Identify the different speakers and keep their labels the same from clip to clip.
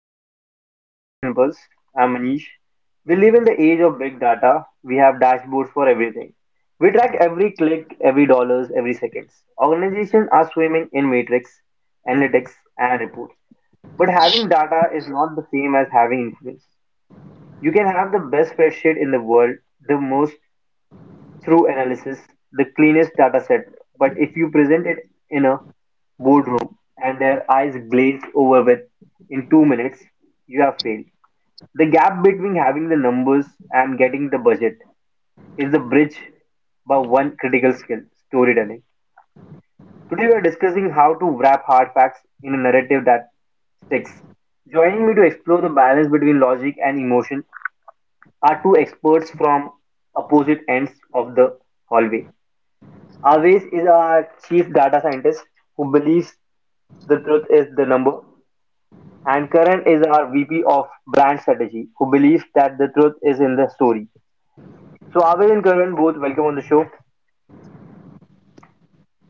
Speaker 1: roundtable episode of Professional Pulse. I'm Manish. We live in the age of big data. We have dashboards for everything. We track every click, every dollars, every seconds. Organizations are swimming in matrix, analytics, and reports. But having data is not the same as having influence. You can have the best spreadsheet in the world, the most through analysis, the cleanest data set, but if you present it in a boardroom and their eyes glazed over with in 2 minutes, you have failed. The gap between having the numbers and getting the budget is the bridge by one critical skill storytelling. Today, we are discussing how to wrap hard facts in a narrative that sticks. Joining me to explore the balance between logic and emotion are two experts from opposite ends of the hallway. Aves is our chief data scientist who believes the truth is the number, and Karan is our VP of brand strategy who believes that the truth is in the story. So Aves and Karan, both, welcome on the show.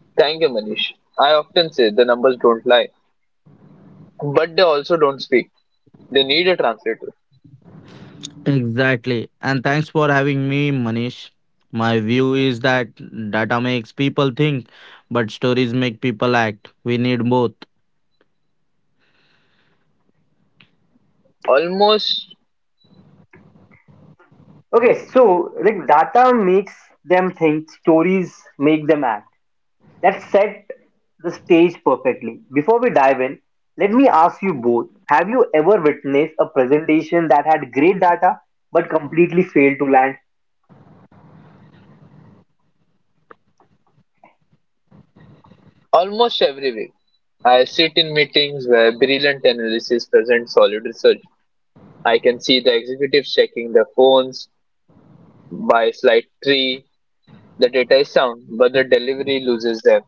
Speaker 2: Thank you, Manish. I often say the numbers don't lie, but they also don't speak. They need a translator.
Speaker 3: Exactly. And thanks for having me, Manish. My view is that data makes people think, but stories make people act. We need both.
Speaker 2: Almost,
Speaker 1: Okay, so like data makes them think, stories make them act. That set the stage perfectly. Before we dive in, let me ask you both: have you ever witnessed a presentation that had great data but completely failed to land?
Speaker 2: almost every week, I sit in meetings where brilliant analysis present solid research. I can see the executives checking their phones by slide three. The data is sound, but the delivery loses them.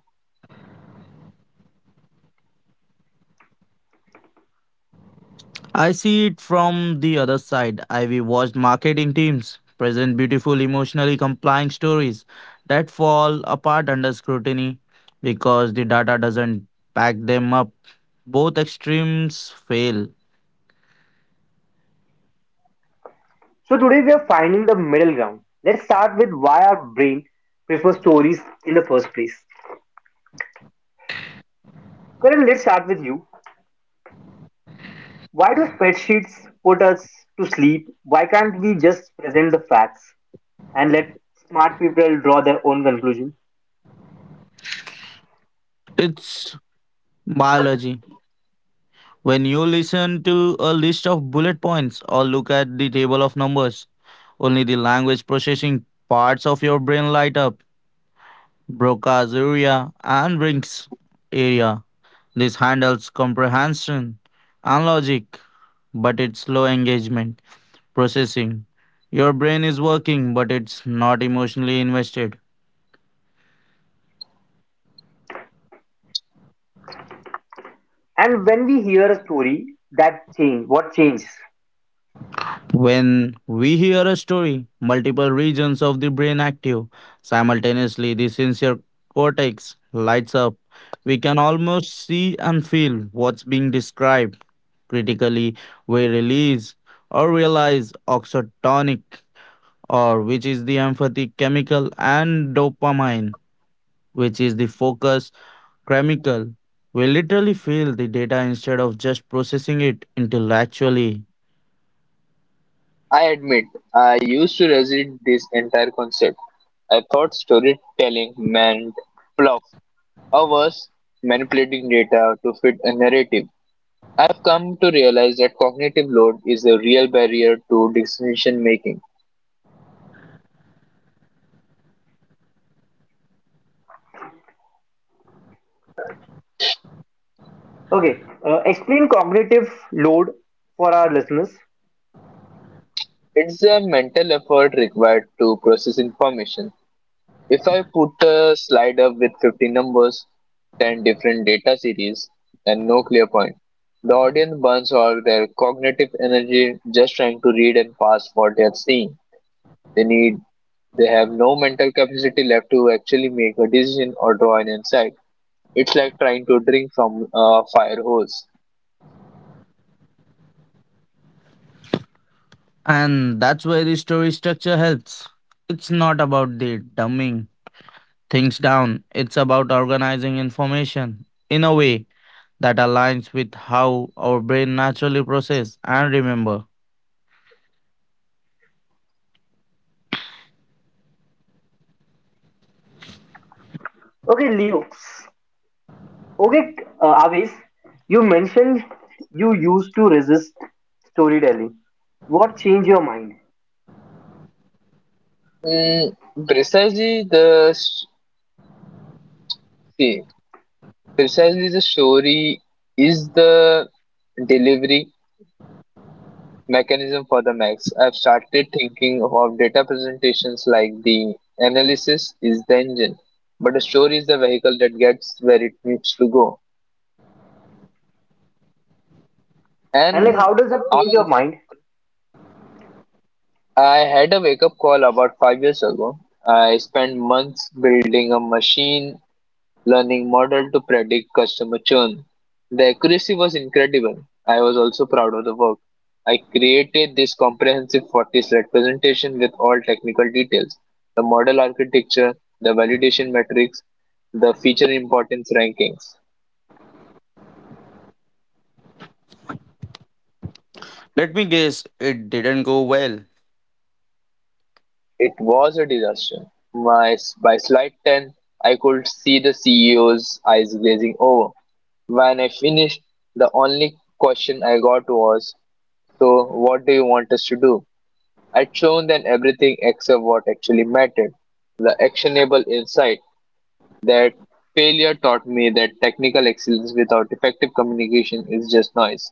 Speaker 3: I see it from the other side. I've watched marketing teams present beautiful, emotionally compelling stories that fall apart under scrutiny because the data doesn't back them up. Both extremes fail.
Speaker 1: So today we are finding the middle ground. Let's start with why our brain prefers stories in the first place. Karan, let's start with you. Why do spreadsheets put us to sleep? Why can't we just present the facts and let smart people draw their own conclusion?
Speaker 3: It's biology. When you listen to a list of bullet points or look at the table of numbers, only the language processing parts of your brain light up. Broca's area and Brink's area. This handles comprehension and logic, but it's slow engagement processing. Your brain is working, but it's not emotionally invested.
Speaker 1: And when we hear a story, that change, what changes?
Speaker 3: When we hear a story, multiple regions of the brain active simultaneously. The sensory cortex lights up. We can almost see and feel what's being described. Critically, we release or realize oxytonic, or which is the empathy chemical, and dopamine, which is the focus chemical. We literally feel the data instead of just processing it intellectually.
Speaker 2: I admit, I used to resist this entire concept. I thought storytelling meant fluff, or worse, manipulating data to fit a narrative. I've come to realize that cognitive load is a real barrier to decision making.
Speaker 1: Okay, explain cognitive load for our listeners.
Speaker 2: It's the mental effort required to process information. If I put a slide up with 50 numbers, 10 different data series, and no clear point, the audience burns all their cognitive energy just trying to read and pass what they are seeing. They need they have no mental capacity left to actually make a decision or draw an insight. It's like trying to drink from a fire hose.
Speaker 3: And that's where the story structure helps. It's not about the dumbing things down, it's about organizing information in a way that aligns with how our brain naturally process and remember.
Speaker 1: Okay, Leo, Okay, Avis, you mentioned you used to resist storytelling. What changed your mind?
Speaker 2: Mm, precisely the s- see, Precisely, the story is the delivery mechanism for the max. I've started thinking of data presentations like the analysis is the engine, but the story is the vehicle that gets where it needs to go.
Speaker 1: And like,
Speaker 2: And
Speaker 1: how does that
Speaker 2: I,
Speaker 1: change your mind?
Speaker 2: I had a wake up call about 5 years ago. I spent months building a machine learning model to predict customer churn. The accuracy was incredible. I was also proud of the work. I created this comprehensive 40 slide presentation with all technical details, the model architecture, the validation metrics, the feature importance rankings.
Speaker 3: Let me guess, it didn't go well.
Speaker 2: It was a disaster. By slide 10, I could see the CEO's eyes glazing over. When I finished, the only question I got was, "So, what do you want us to do?" I'd shown them everything except what actually mattered, the actionable insight. That failure taught me that technical excellence without effective communication is just noise.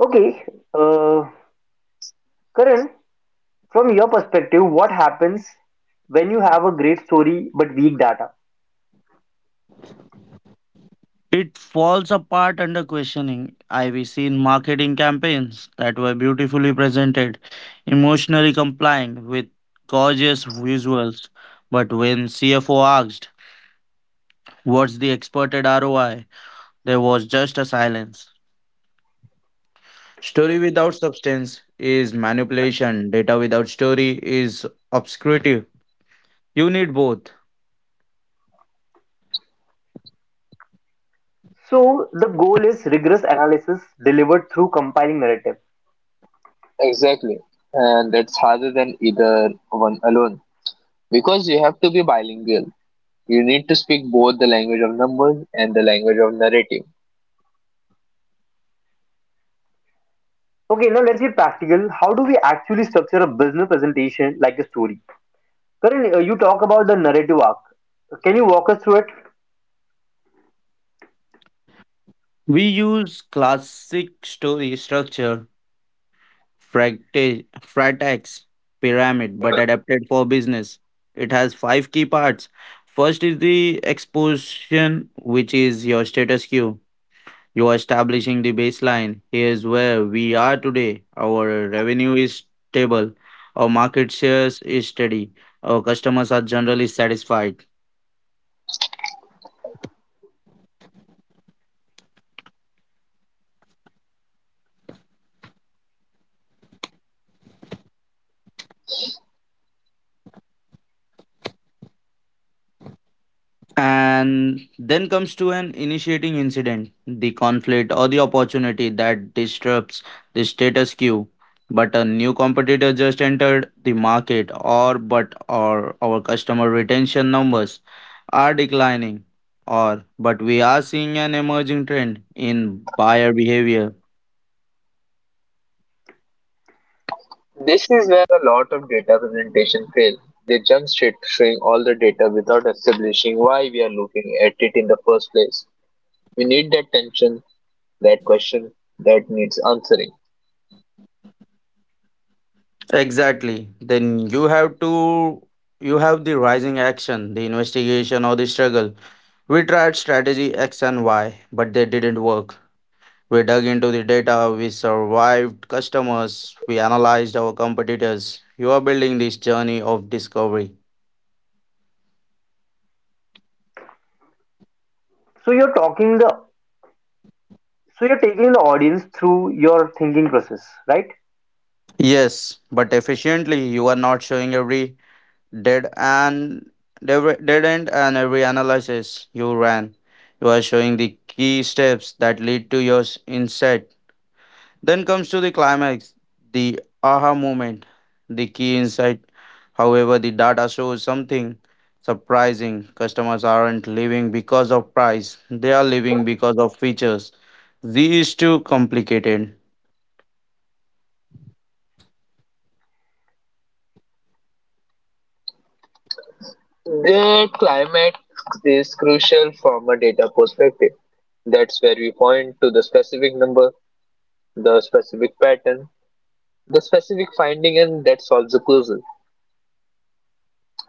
Speaker 1: Okay, uh, Karan, from your perspective, what happens when you have a great story but weak data?
Speaker 3: It falls apart under questioning. I've seen marketing campaigns that were beautifully presented, emotionally complying with gorgeous visuals. But when CFO asked, "What's the expected ROI?" There was just a silence. Story without substance is manipulation, data without story is obscurity. You need both.
Speaker 1: So the goal is rigorous analysis delivered through compiling narrative.
Speaker 2: Exactly. And that's harder than either one alone. Because you have to be bilingual. You need to speak both the language of numbers and the language of narrative.
Speaker 1: Okay, now let's get practical. How do we actually structure a business presentation like a story? Karan, you talk about the narrative arc. Can you walk us through it?
Speaker 3: We use classic story structure, Fratax pyramid, but adapted for business. It has five key parts. First is the exposition, which is your status quo. You are establishing the baseline. Here's where we are today. Our revenue is stable. Our market shares is steady. Our customers are generally satisfied. And then comes to an initiating incident, the conflict or the opportunity that disrupts the status quo. But a new competitor just entered the market, or but or our customer retention numbers are declining, or but we are seeing an emerging trend in buyer behavior.
Speaker 2: This is where a lot of data presentation fail. They jump straight to showing all the data without establishing why we are looking at it in the first place. We need that tension, that question that needs answering.
Speaker 3: Exactly. Then you have the rising action, the investigation or the struggle. We tried strategy X and Y, but they didn't work. We dug into the data, we survived customers, we analyzed our competitors. You are building this journey of discovery.
Speaker 1: So you're talking the, so you're taking the audience through your thinking process, right?
Speaker 3: Yes, but efficiently, you are not showing every dead and dead end and every analysis you ran. You are showing the key steps that lead to your insight. Then comes to the climax, the aha moment, the key insight. However, the data shows something surprising. Customers aren't living because of price, they are living because of features. Z is too complicated.
Speaker 2: The climate is crucial from a data perspective. That's where we point to the specific number, the specific pattern, the specific finding, and that solves the puzzle.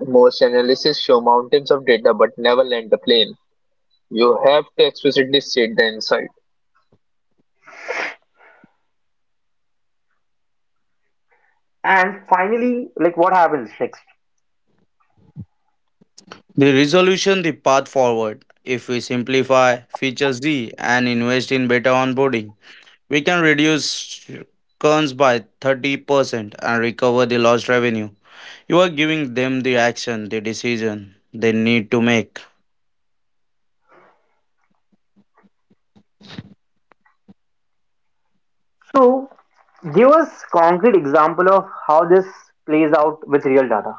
Speaker 2: Most analysis show mountains of data but never land the plane. You have to explicitly state the insight.
Speaker 1: And finally, like, what happens next?
Speaker 3: The resolution, the path forward. If we simplify feature Z and invest in better onboarding, we can reduce cons by 30% and recover the lost revenue. You are giving them the action, the decision they need to make.
Speaker 1: So give us concrete example of how this plays out with real data.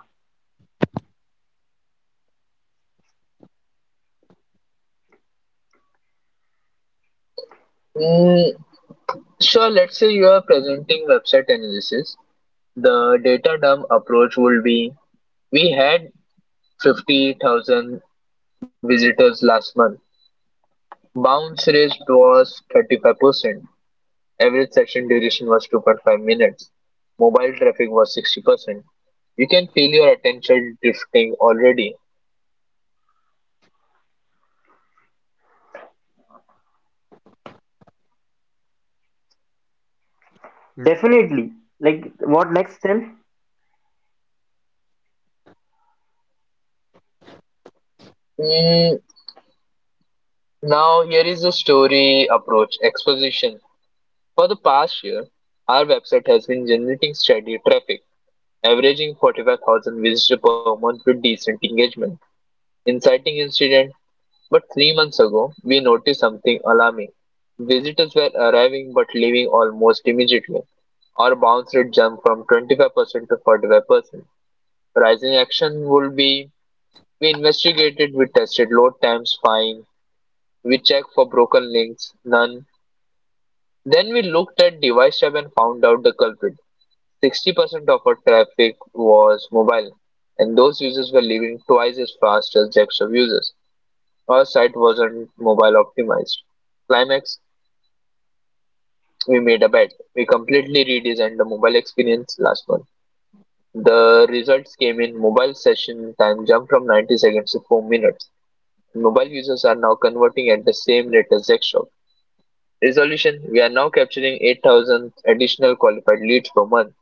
Speaker 2: Mm, sure, let's say you are presenting website analysis. The data dump approach would be, we had 50,000 visitors last month. Bounce rate was 35%, average session duration was 2.5 minutes, mobile traffic was 60%. You can feel your attention drifting already.
Speaker 1: Definitely. Like, what next then?
Speaker 2: Mm, Now, here is the story approach exposition. For the past year, our website has been generating steady traffic, averaging 45,000 visitors per month with decent engagement. Inciting incident: but 3 months ago, we noticed something alarming. Visitors were arriving but leaving almost immediately. Our bounce rate jumped from 25% to 45%. Rising action would be, we investigated, we tested load times, fine, we checked for broken links, none. Then we looked at device tab and found out the culprit. 60% of our traffic was mobile, and those users were leaving twice as fast as desktop users. Our site wasn't mobile optimized. Climax, we made a bet. We completely redesigned the mobile experience last month. The results came in: mobile session time jumped from 90 seconds to 4 minutes. Mobile users are now converting at the same rate as desktop. Resolution, we are now capturing 8,000 additional qualified leads per month.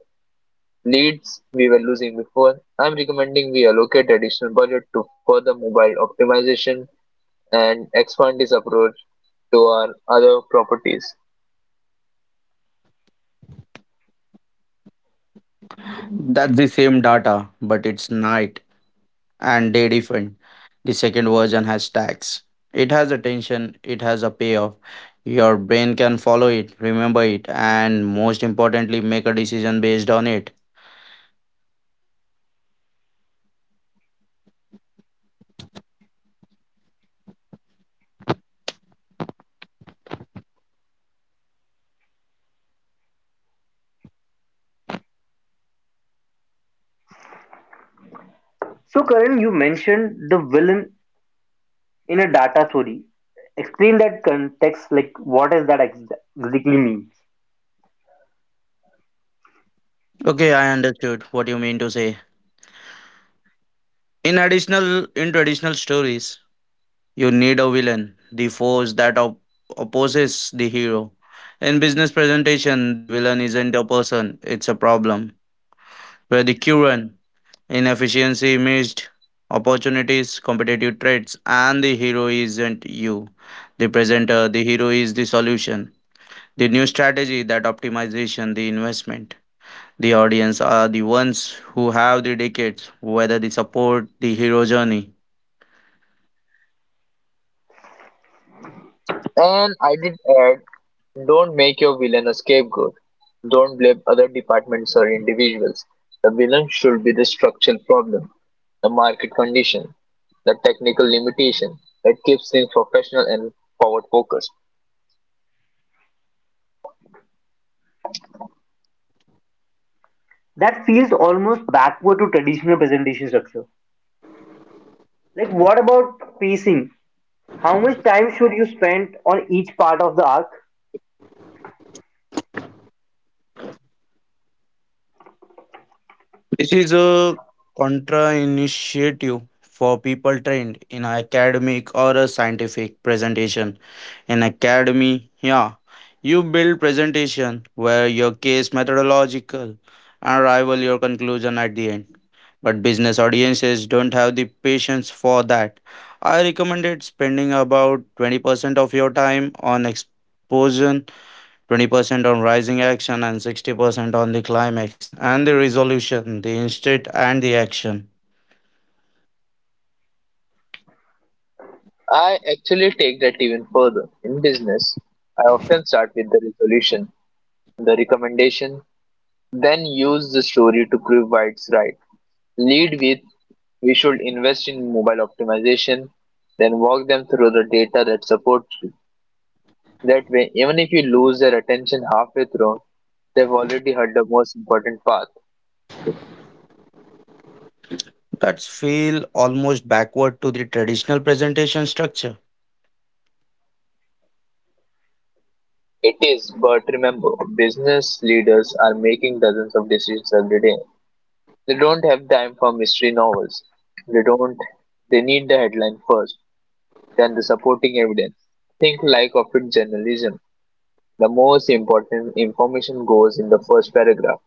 Speaker 2: Leads we were losing before. I'm recommending we allocate additional budget to further mobile optimization and expand this approach to our other properties.
Speaker 3: That's the same data, but it's night and day different. The second version has tags. It has attention, it has a payoff. Your brain can follow it, remember it, and most importantly, make a decision based on it.
Speaker 1: So Karan, you mentioned the villain in a data story. Explain that context, like what does that exactly mean?
Speaker 3: Okay, I understood what you mean to say. In additional in traditional stories, you need a villain, the force that opposes the hero. In business presentation, the villain isn't a person, it's a problem. Where the current inefficiency, missed opportunities, competitive traits, and the hero isn't you, the presenter, the hero is the solution. The new strategy, that optimization, the investment. The audience are the ones who have the decades, whether they support the hero journey.
Speaker 2: And I did add, don't make your villain a scapegoat. Don't blame other departments or individuals. The villain should be the structural problem, the market condition, the technical limitation. That keeps things professional and forward focused.
Speaker 1: That feels almost backward to traditional presentation structure. Like, what about pacing? How much time should you spend on each part of the arc?
Speaker 3: This is a contra initiative for people trained in academic or a scientific presentation. In academy, yeah, you build presentation where your case methodological and rival your conclusion at the end. But business audiences don't have the patience for that. I recommended spending about 20% of your time on exposition. 20% on rising action and 60% on the climax and the resolution, the instant and the action.
Speaker 2: I actually take that even further. In business, I often start with the resolution, the recommendation, then use the story to prove why it's right. Lead with, we should invest in mobile optimization, then walk them through the data that supports you. That way, even if you lose their attention halfway through, they've already heard the most important part.
Speaker 3: That feel almost backward to the traditional presentation structure.
Speaker 2: It is, but remember, business leaders are making dozens of decisions every day. They don't have time for mystery novels. They don't. They need the headline first, then the supporting evidence. Think like of it journalism. The most important information goes in the first paragraph.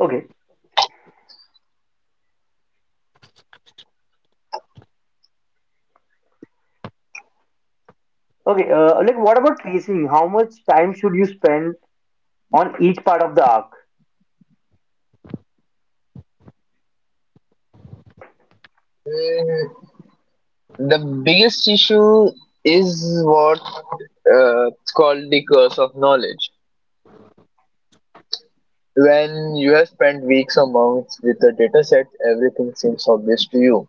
Speaker 1: Okay, okay. Like, what about tracing? How much time should you spend on each part of the arc?
Speaker 2: Hmm, the biggest issue is what it's called the curse of knowledge. When you have spent weeks or months with a data set, everything seems obvious to you.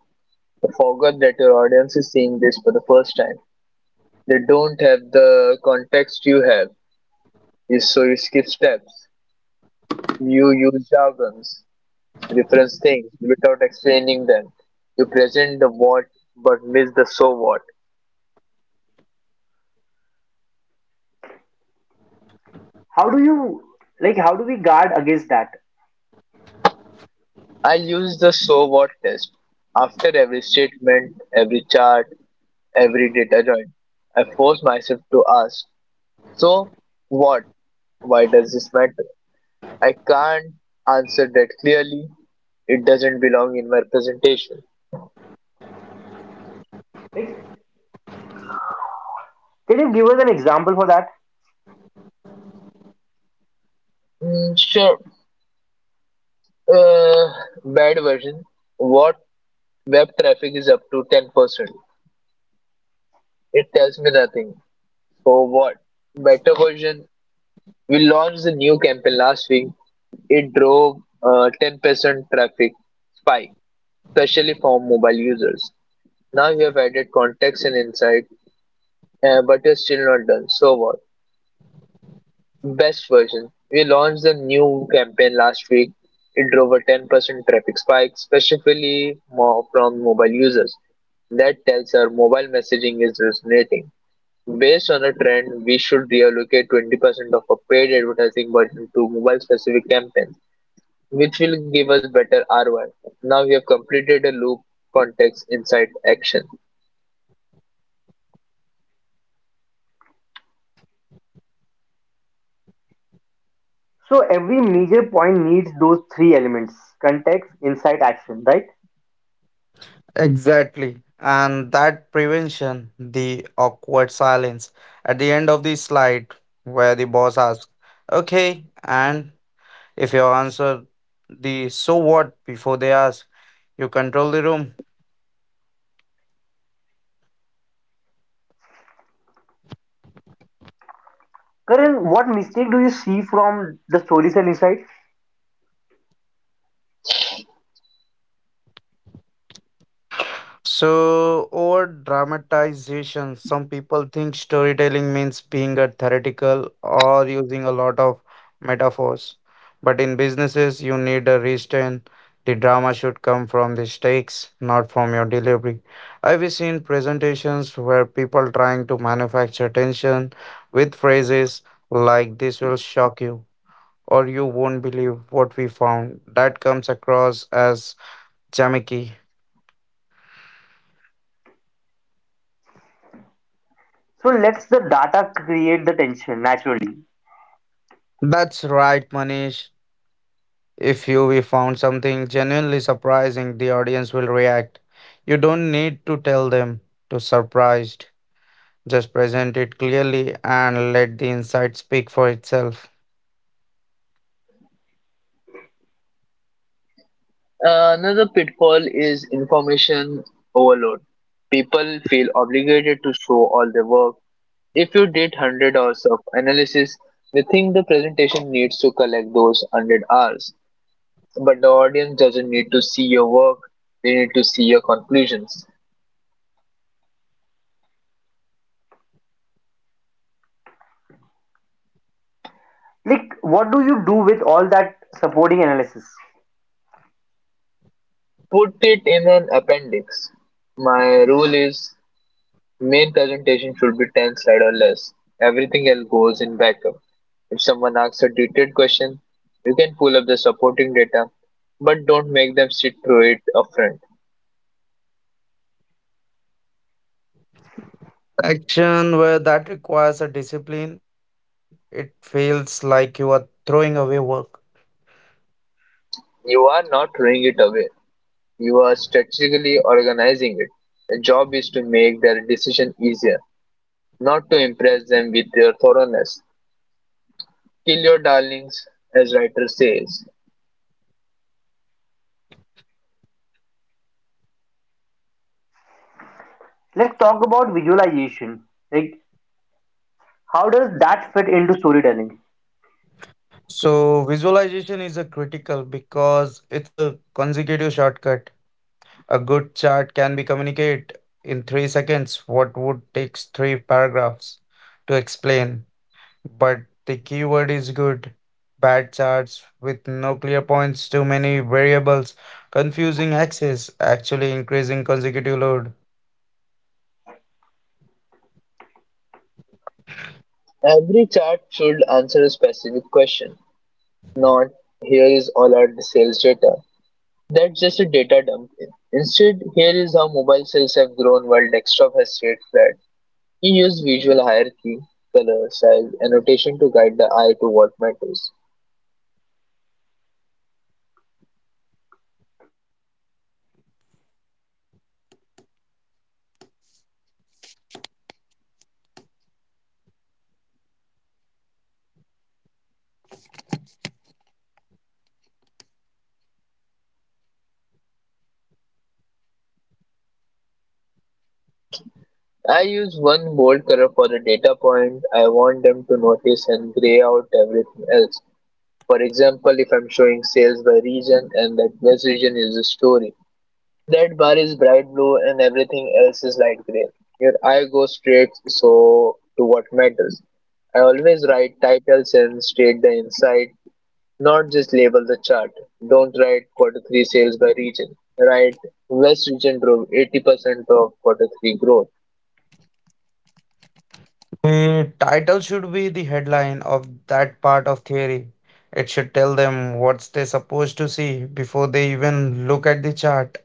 Speaker 2: You forgot that your audience is seeing this for the first time. They don't have the context you have. So you skip steps. You use jargons, reference things without explaining them. You present the what but miss the so what.
Speaker 1: How do you like? How do we guard against that?
Speaker 2: I use the so what test. After every statement, every chart, every data joint, I force myself to ask, so what? Why does this matter? I can't answer that clearly. It doesn't belong in my presentation.
Speaker 1: Like, can you give us an example for that?
Speaker 2: Sure. Uh, Bad version. What, web traffic is up to 10%. It tells me nothing. So what? Better version. We launched a new campaign last week. It drove a 10% traffic spike, especially for mobile users. Now you have added context and insight, but you're still not done. So what? Best version. We launched a new campaign last week. It drove a 10% traffic spike, especially more from mobile users. That tells our mobile messaging is resonating. Based on a trend, we should reallocate 20% of our paid advertising budget to mobile specific campaigns, which will give us better ROI. Now we have completed a loop: context, insight, action.
Speaker 1: So every major point needs those three elements: context, insight, action. Right?
Speaker 3: Exactly. And that prevention, the awkward silence at the end of the slide where the boss asks, okay, and if you answer the so what before they ask, you control the room.
Speaker 1: Karan, what mistake do you see from the story cell insight?
Speaker 3: So, over dramatization, some people think storytelling means being a theoretical or using a lot of metaphors. But in businesses, you need a restraint. The drama should come from the stakes, not from your delivery. I've seen presentations where people trying to manufacture tension with phrases like "This will shock you" or "You won't believe what we found." That comes across as gimmicky.
Speaker 1: So let's the data create the tension naturally.
Speaker 3: That's right, Manish. If you we found something genuinely surprising, the audience will react. You don't need to tell them to surprised. Just present it clearly and let the insight speak for itself.
Speaker 2: Another pitfall is information overload. People feel obligated to show all their work. If you did 100 hours of analysis, they think the presentation needs to collect those 100 hours. But the audience doesn't need to see your work, they need to see your conclusions.
Speaker 1: Like, what do you do with all that supporting analysis?
Speaker 2: Put it in an appendix. My rule is, main presentation should be 10 slides or less. Everything else goes in backup. If someone asks a detailed question, you can pull up the supporting data, but don't make them sit through it upfront.
Speaker 3: Action where that requires a discipline, it feels like you are throwing away work.
Speaker 2: You are not throwing it away. You are strategically organizing it. The job is to make their decision easier, not to impress them with your thoroughness. Kill your darlings, as writer says.
Speaker 1: Let's talk about visualization. Like, how does that fit into storytelling?
Speaker 3: So visualization is a critical because it's a consecutive shortcut. A good chart can be communicate in 3 seconds what would takes three paragraphs to explain. But the keyword is good. Bad charts with no clear points, too many variables, confusing axes, actually increasing consecutive load.
Speaker 2: Every chart should answer a specific question, not here is all our sales data. That's just a data dump. Instead, here is how mobile cells have grown while desktop has stayed flat. He used visual hierarchy, color, size, and rotation to guide the eye to what matters. I use one bold color for the data point I want them to notice and gray out everything else. For example, if I'm showing sales by region and that best region is a story, that bar is bright blue and everything else is light gray. Your eye goes straight so to what matters. I always write titles and state the insight, not just label the chart. Don't write quarter three sales by region. Write, West region drove 80% of quarter three growth.
Speaker 3: The title should be the headline of that part of theory. It should tell them what they're supposed to see before they even look at the chart.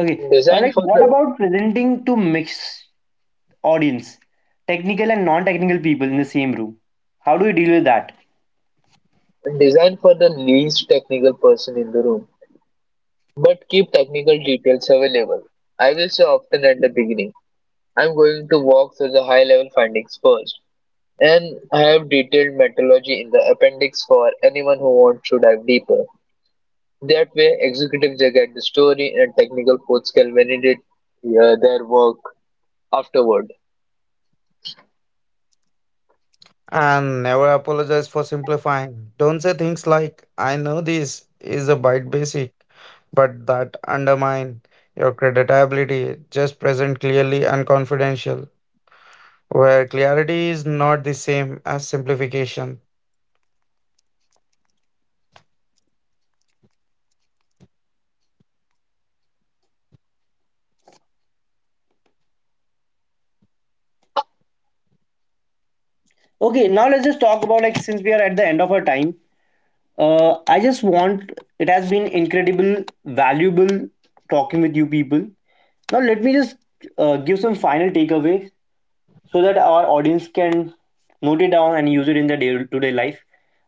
Speaker 1: Okay,
Speaker 2: Design
Speaker 1: like
Speaker 2: for
Speaker 1: what
Speaker 2: the
Speaker 1: about presenting to mixed audience, technical and non-technical people in the same room? How do we deal with that?
Speaker 2: Design for the least technical person in the room, but keep technical details available. I will say often at the beginning, I'm going to walk through the high level findings first, and I have detailed methodology in the appendix for anyone who wants to dive deeper. That way, executives they get the story and technical folks can validate their work afterward.
Speaker 3: And never apologize for simplifying. Don't say things like, I know this is a bite basic, but that undermine your creditability. Just present clearly and confidential, where clarity is not the same as simplification.
Speaker 1: Okay, now let's just talk about, like, since we are at the end of our time. I just want, it has been incredible, valuable talking with you people. Now let me just give some final takeaways so that our audience can note it down and use it in their day-to-day life.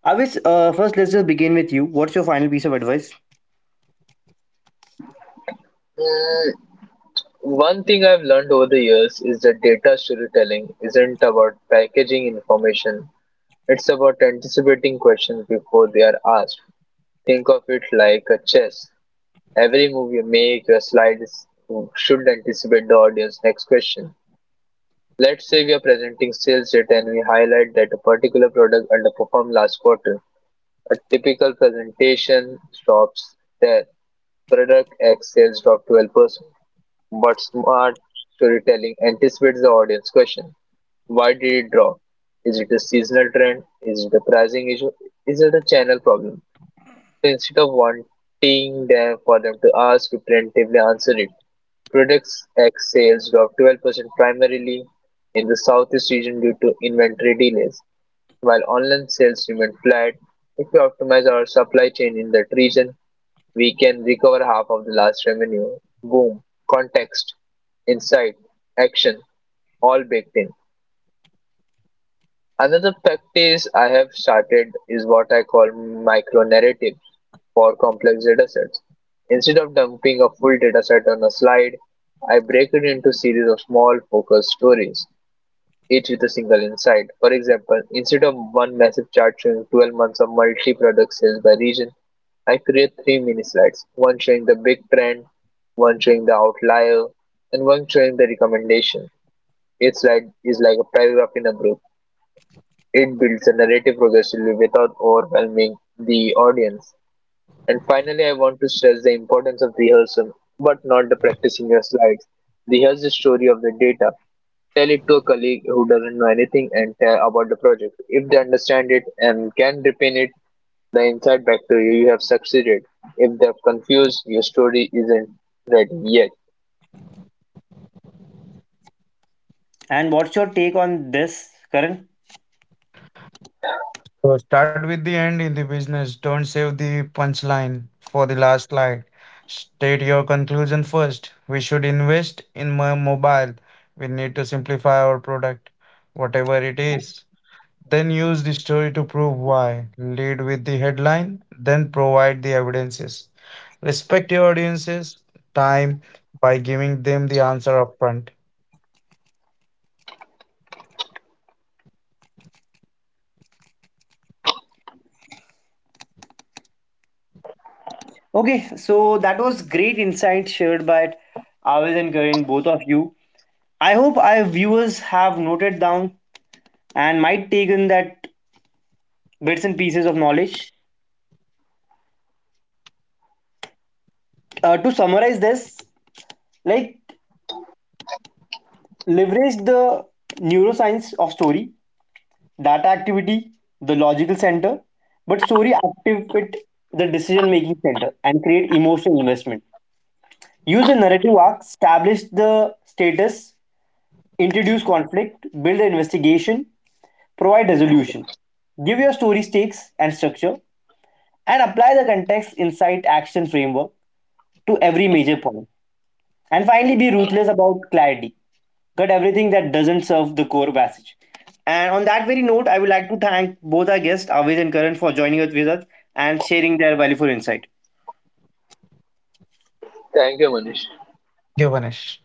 Speaker 1: Avis, first let's just begin with you. What's your final piece of advice,
Speaker 2: Mm, One thing I've learned over the years is that data storytelling isn't about packaging information, it's about anticipating questions before they are asked. Think of it like a chess. Every move you make, your slide is, should anticipate the audience next question. Let's say we are presenting sales data and we highlight that a particular product underperformed last quarter. A typical presentation stops there. Product X sales dropped 12%, but smart storytelling anticipates the audience question. Why did it drop? Is it a seasonal trend? Is it a pricing issue? Is it a channel problem? Instead of wanting them for them to ask, we preemptively answer it. Products X sales dropped 12% primarily in the Southeast region due to inventory delays, while online sales remained flat. If we optimize our supply chain in that region, we can recover half of the last revenue. Boom. Context, insight, action, all baked in. Another practice I have started is what I call micro-narratives for complex datasets. Instead of dumping a full dataset on a slide, I break it into series of small focused stories, each with a single insight. For example, instead of one massive chart showing 12 months of multi-product sales by region, I create three mini slides, one showing the big trend, one showing the outlier, and one showing the recommendation. Each slide is like a paragraph in a book, it builds the narrative progressively without overwhelming the audience. And finally, I want to stress the importance of rehearsal, but not the practicing your slides. Rehearse the story of the data. Tell it to a colleague who doesn't know anything and tell about the project. If they understand it and can repeat it, the insight back to you, you have succeeded. If they're confused, your story isn't ready yet.
Speaker 1: and what's your take on this, Karan?
Speaker 3: So start with the end in the business. Don't save the punchline for the last slide. State your conclusion first. We should invest in mobile. We need to simplify our product, whatever it is. Then use the story to prove why. Lead with the headline, then provide the evidences. Respect your audience's time by giving them the answer upfront.
Speaker 1: Okay, so that was great insight shared by Avis and Karan, both of you. I hope our viewers have noted down and might take in that bits and pieces of knowledge. To summarize this, like, leverage the neuroscience of story, data activity, the logical center, but story activate the decision making center and create emotional investment. Use the narrative arc, establish the status, introduce conflict, build the investigation, provide resolution. Give your story stakes and structure, and apply the context, insight, action framework to every major point. And finally, be ruthless about clarity. Cut everything that doesn't serve the core message. And on that very note, I would like to thank both our guests, Aviz and Karan, for joining us with us and sharing their valuable insight.
Speaker 2: Thank you, Manish.
Speaker 3: Givenesh.